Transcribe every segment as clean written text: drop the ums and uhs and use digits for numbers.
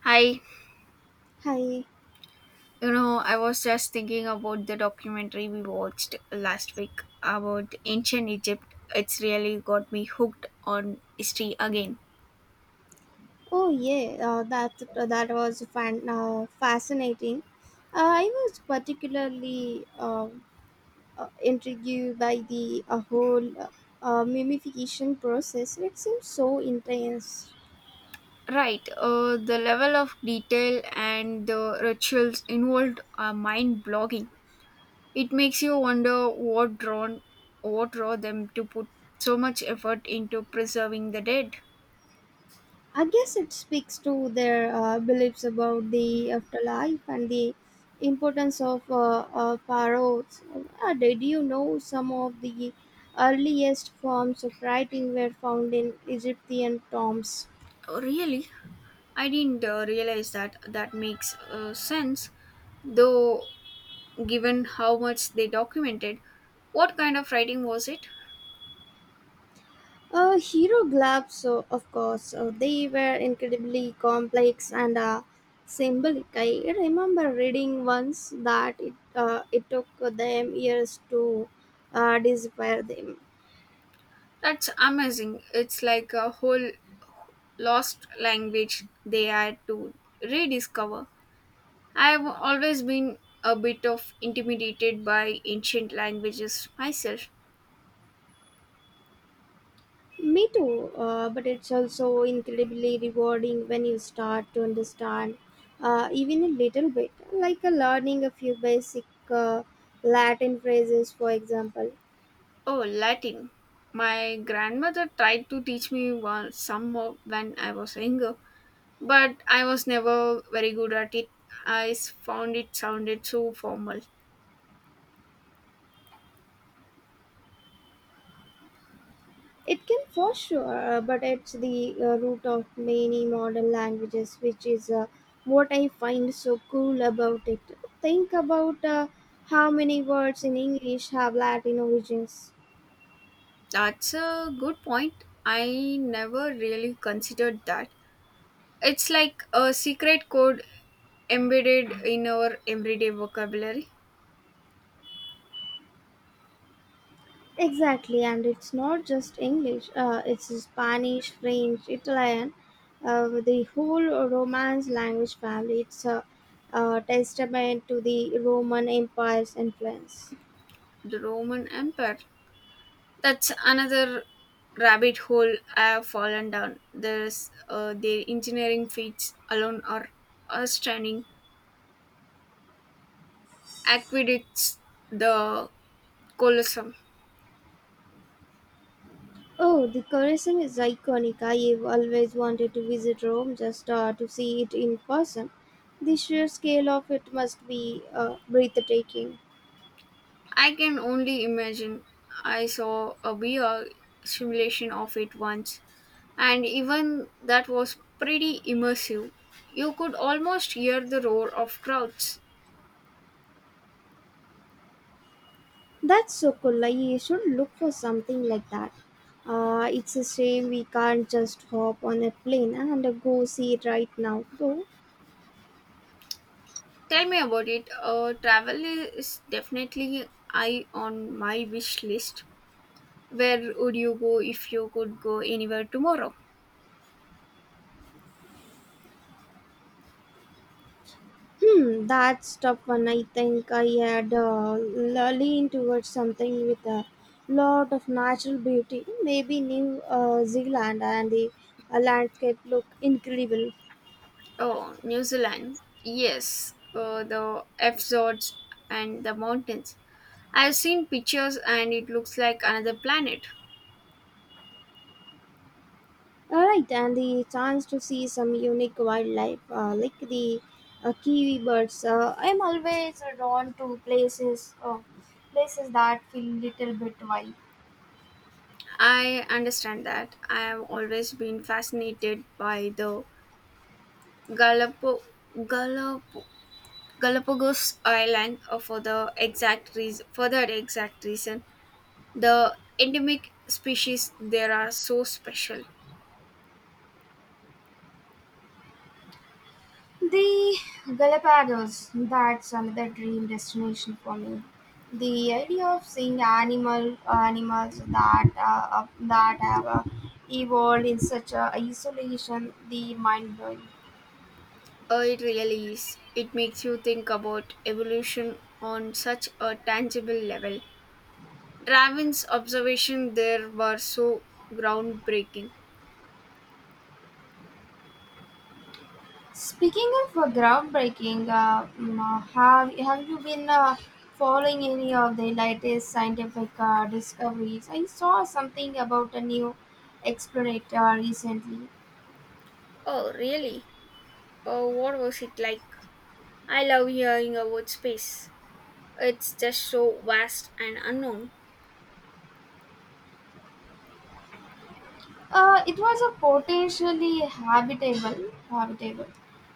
Hi, Hi. you know, I was just thinking about the documentary we watched last week about ancient Egypt. It's really got me hooked on history again. Oh yeah, that was fascinating. I was particularly intrigued by the whole mummification process. It seems so intense. Right, the level of detail and the rituals involved are mind-blogging. It makes you wonder what draw them to put so much effort into preserving the dead. I guess it speaks to their beliefs about the afterlife and the importance of pharaohs. Did you know some of the earliest forms of writing were found in Egyptian tombs? Oh, really? I didn't realize that. That makes sense though given how much they documented. What kind of writing was it? Hero Gloves, so of course, they were incredibly complex and symbolic. I remember reading once that it took them years to disappear them. That's amazing. It's like a whole lost language they had to rediscover. I've always been a bit of intimidated by ancient languages myself. Me too, but it's also incredibly rewarding when you start to understand even a little bit, like learning a few basic uh, Latin phrases, for example. Oh, Latin. My grandmother tried to teach me one, some more when I was younger, but I was never very good at it. Found it sounded so formal. It can for sure, but it's the root of many modern languages, which is what I find so cool about it. Think about how many words in English have Latin origins. That's a good point. I never really considered that. It's like a secret code embedded in our everyday vocabulary. Exactly, and it's not just English, it's Spanish, French, Italian, the whole Romance language family. It's a testament to the Roman Empire's influence. The Roman Empire. That's another rabbit hole I have fallen down. There's their engineering feats alone are outstanding. Aqueducts, the Colosseum. Oh, the Colosseum is iconic. I've always wanted to visit Rome just to see it in person. The sheer scale of it must be breathtaking. I can only imagine. I saw a VR simulation of it once, and even that was pretty immersive. You could almost hear the roar of crowds. That's so cool. I should look for something like that. It's a shame we can't just hop on a plane and go see it right now, though. Tell me about it. Travel is definitely high on my wish list. Where would you go if you could go anywhere tomorrow? Hmm, that's tough one. I think I had leaned towards something with a lot of natural beauty. Maybe New Zealand and the landscape look incredible. Oh, New Zealand. Yes, the fjords and the mountains. I've seen pictures and it looks like another planet. All right, and the chance to see some unique wildlife like the kiwi birds. I'm always drawn to places that feel little bit wild. I understand that. I have always been fascinated by the Galapo, Galapo, Galapagos Island for the exact reason. The endemic species there are so special. The Galapagos, that's another dream destination for me. The idea of seeing animals that have evolved in such a isolation, the mind blowing. Oh, it really is. It makes you think about evolution on such a tangible level. Darwin's observation there were so groundbreaking. Speaking of groundbreaking, have you been following any of the latest scientific discoveries? I saw something about a new explorator recently. Oh, really? Oh, what was it like? I love hearing about space. It's just so vast and unknown. It was a potentially habitable.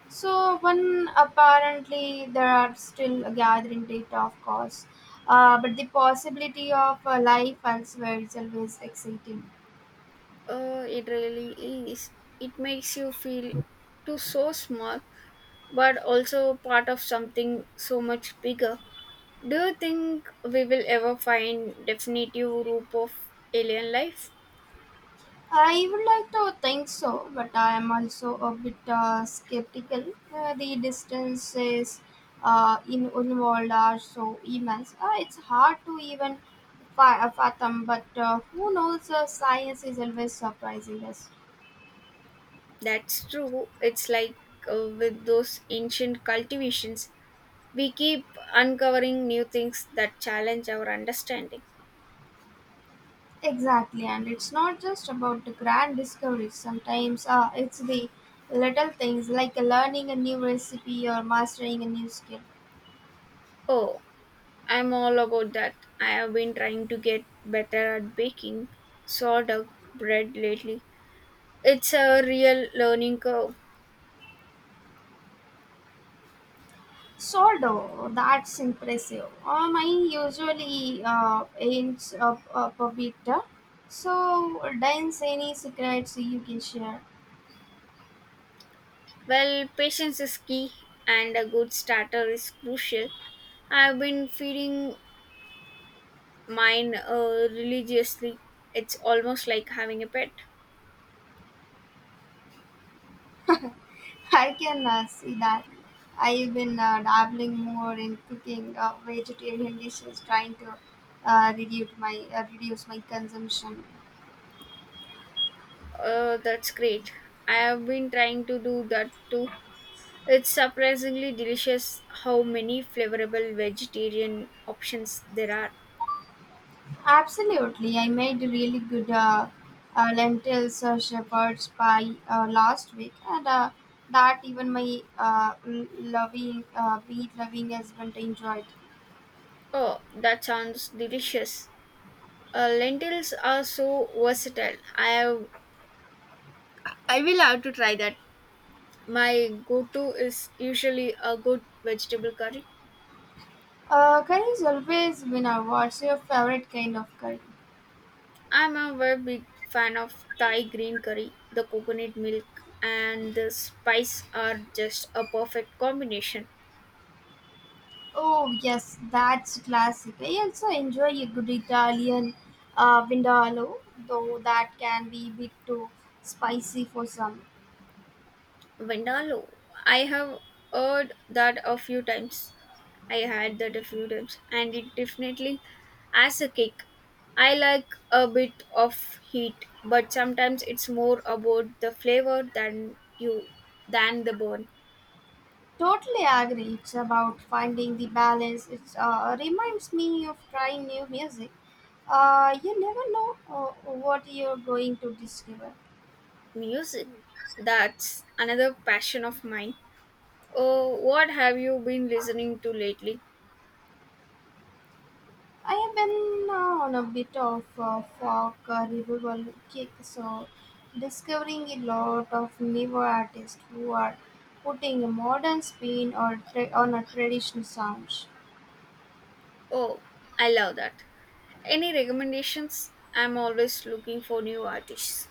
So when apparently there are still a gathering data, of course, but the possibility of life elsewhere is always exciting. Oh, it really is. It makes you feel too so small, but also part of something so much bigger. Do you think we will ever find definitive group of alien life? I would like to think so, but I am also a bit skeptical. The distances in involved are so immense. It's hard to even fathom, but who knows? Science is always surprising us. That's true. It's like with those ancient cultivations, we keep uncovering new things that challenge our understanding. Exactly, and it's not just about the grand discoveries. Sometimes it's the little things like learning a new recipe or mastering a new skill. Oh, I'm all about that. I have been trying to get better at baking sourdough bread lately. It's a real learning curve. Soldo, that's impressive. I usually ends up a bit. So, dance any secrets you can share. Well, patience is key and a good starter is crucial. I've been feeding mine religiously. It's almost like having a pet. I can see that. I've been dabbling more in cooking vegetarian dishes, trying to reduce my consumption. That's great. I have been trying to do that too. It's surprisingly delicious how many flavorable vegetarian options there are. Absolutely. I made really good lentils shepherd's pie last week, and that even my meat loving husband enjoyed. Oh, that sounds delicious. Lentils are so versatile. I will have to try that. My go-to is usually a good vegetable curry. Curry is always winner. What's your favorite kind of curry? I'm a very big fan of Thai green curry. The coconut milk and the spice are just a perfect combination. Oh, yes, that's classic. I also enjoy a good Italian vindaloo, though that can be a bit too spicy for some. Vindaloo. I have heard that a few times. I had that a few times, and it definitely as a cake. I like a bit of heat, but sometimes it's more about the flavor than the burn. Totally agree. It's about finding the balance. It reminds me of trying new music. You never know what you're going to discover. Music. That's another passion of mine. Oh, what have you been listening to lately? I have been on a bit of a folk revival kick, so discovering a lot of newer artists who are putting a modern spin on a traditional sound. Oh, I love that. Any recommendations? I'm always looking for new artists.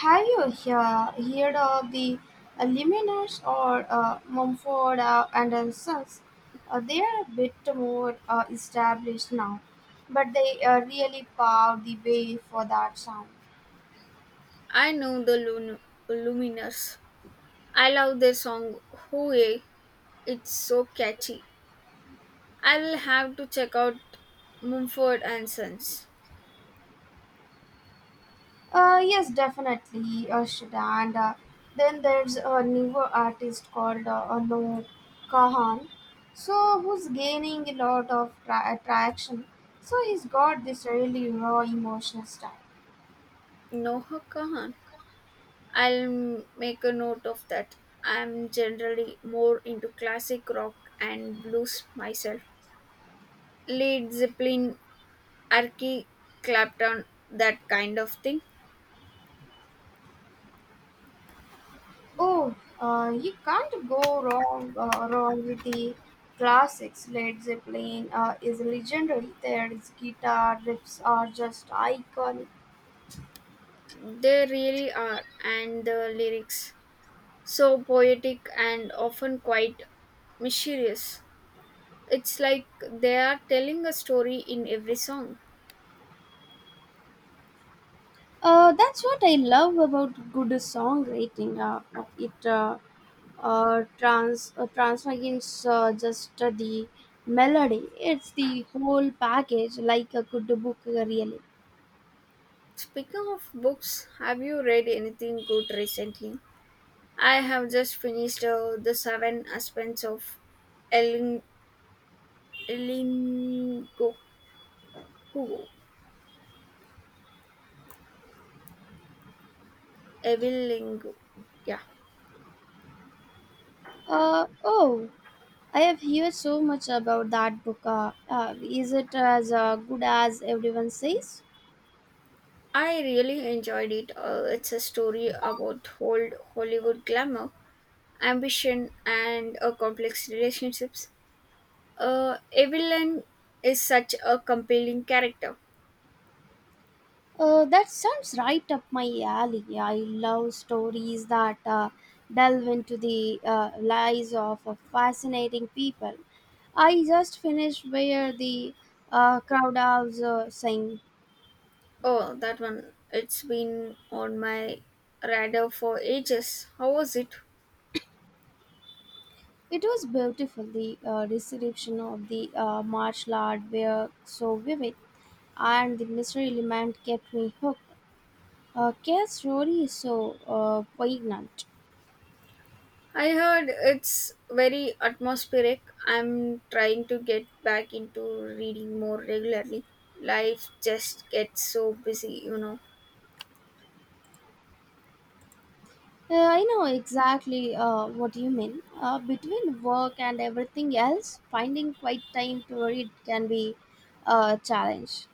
Have you heard of the Lumineers or Mumford and Sons? They are a bit more established now, but they really paved the way for that sound. I know the Luminous. I love their song Hooey. It's so catchy. I will have to check out Mumford and Sons. Yes, definitely, should and then there's a newer artist called Anu Kahan, so who's gaining a lot of attraction. So he's got this really raw emotional style. No Kahan. I'll make a note of that. I'm generally more into classic rock and blues myself. Led Zeppelin, Archie Clapton, that kind of thing. Oh, you can't go wrong with the classics. Led Zeppelin is legendary. Their guitar riffs are just iconic. They really are, and the lyrics. So poetic and often quite mysterious. It's like they are telling a story in every song. That's what I love about good songwriting. It transmits just the melody. It's the whole package, like a good book, really. Speaking of books, have you read anything good recently? I have just finished The Seven Husbands of Ellen, Elingo, Hugo, Evelingo. Yeah, Oh, I have heard so much about that book. Is it as good as everyone says? I really enjoyed it. It's a story about old Hollywood glamour, ambition, and complex relationships. Evelyn is such a compelling character. That sounds right up my alley. I love stories that delve into the lives of fascinating people. I just finished where the crowd was sang. Oh, that one. It's been on my radar for ages. How was it? It was beautiful. The description of the martial art were so vivid, and the mystery element kept me hooked. Kate's Rory is so poignant. I heard it's very atmospheric. I'm trying to get back into reading more regularly. Life just gets so busy, you know. I know exactly what you mean. Between work and everything else, finding quiet time to read can be a challenge.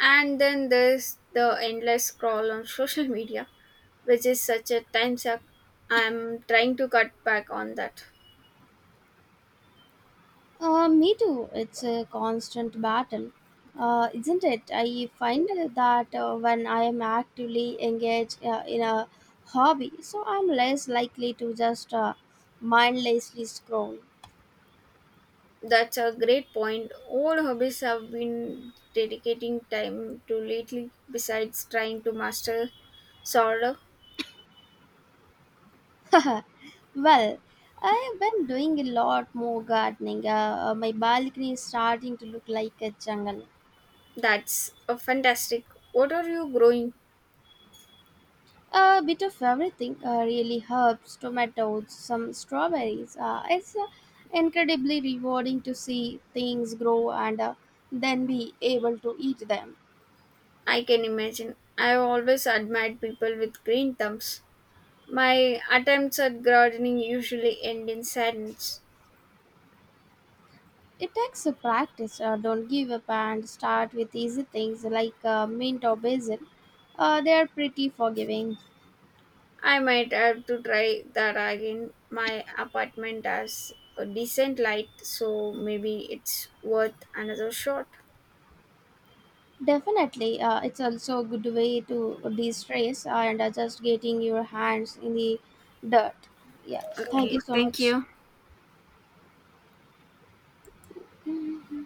And then there's the endless scroll on social media, which is such a time suck. I'm trying to cut back on that. Me too. It's a constant battle, isn't it? I find that when I am actively engaged in a hobby, so I'm less likely to just mindlessly scroll. That's a great point. All hobbies have been dedicating time to lately, besides trying to master sourdough. Well, I've been doing a lot more gardening. My balcony is starting to look like a jungle. That's a fantastic. What are you growing? A bit of everything, really herbs, tomatoes, some strawberries. It's incredibly rewarding to see things grow and then be able to eat them. I can imagine. I have always admired people with green thumbs. My attempts at gardening usually end in sadness. It takes a practice. Don't give up and start with easy things like mint or basil. They are pretty forgiving. I might have to try that again. My apartment has a decent light, so maybe it's worth another shot. Definitely, it's also a good way to de-stress and just getting your hands in the dirt. Yeah, thank you Okay, so thank much. you. Mm,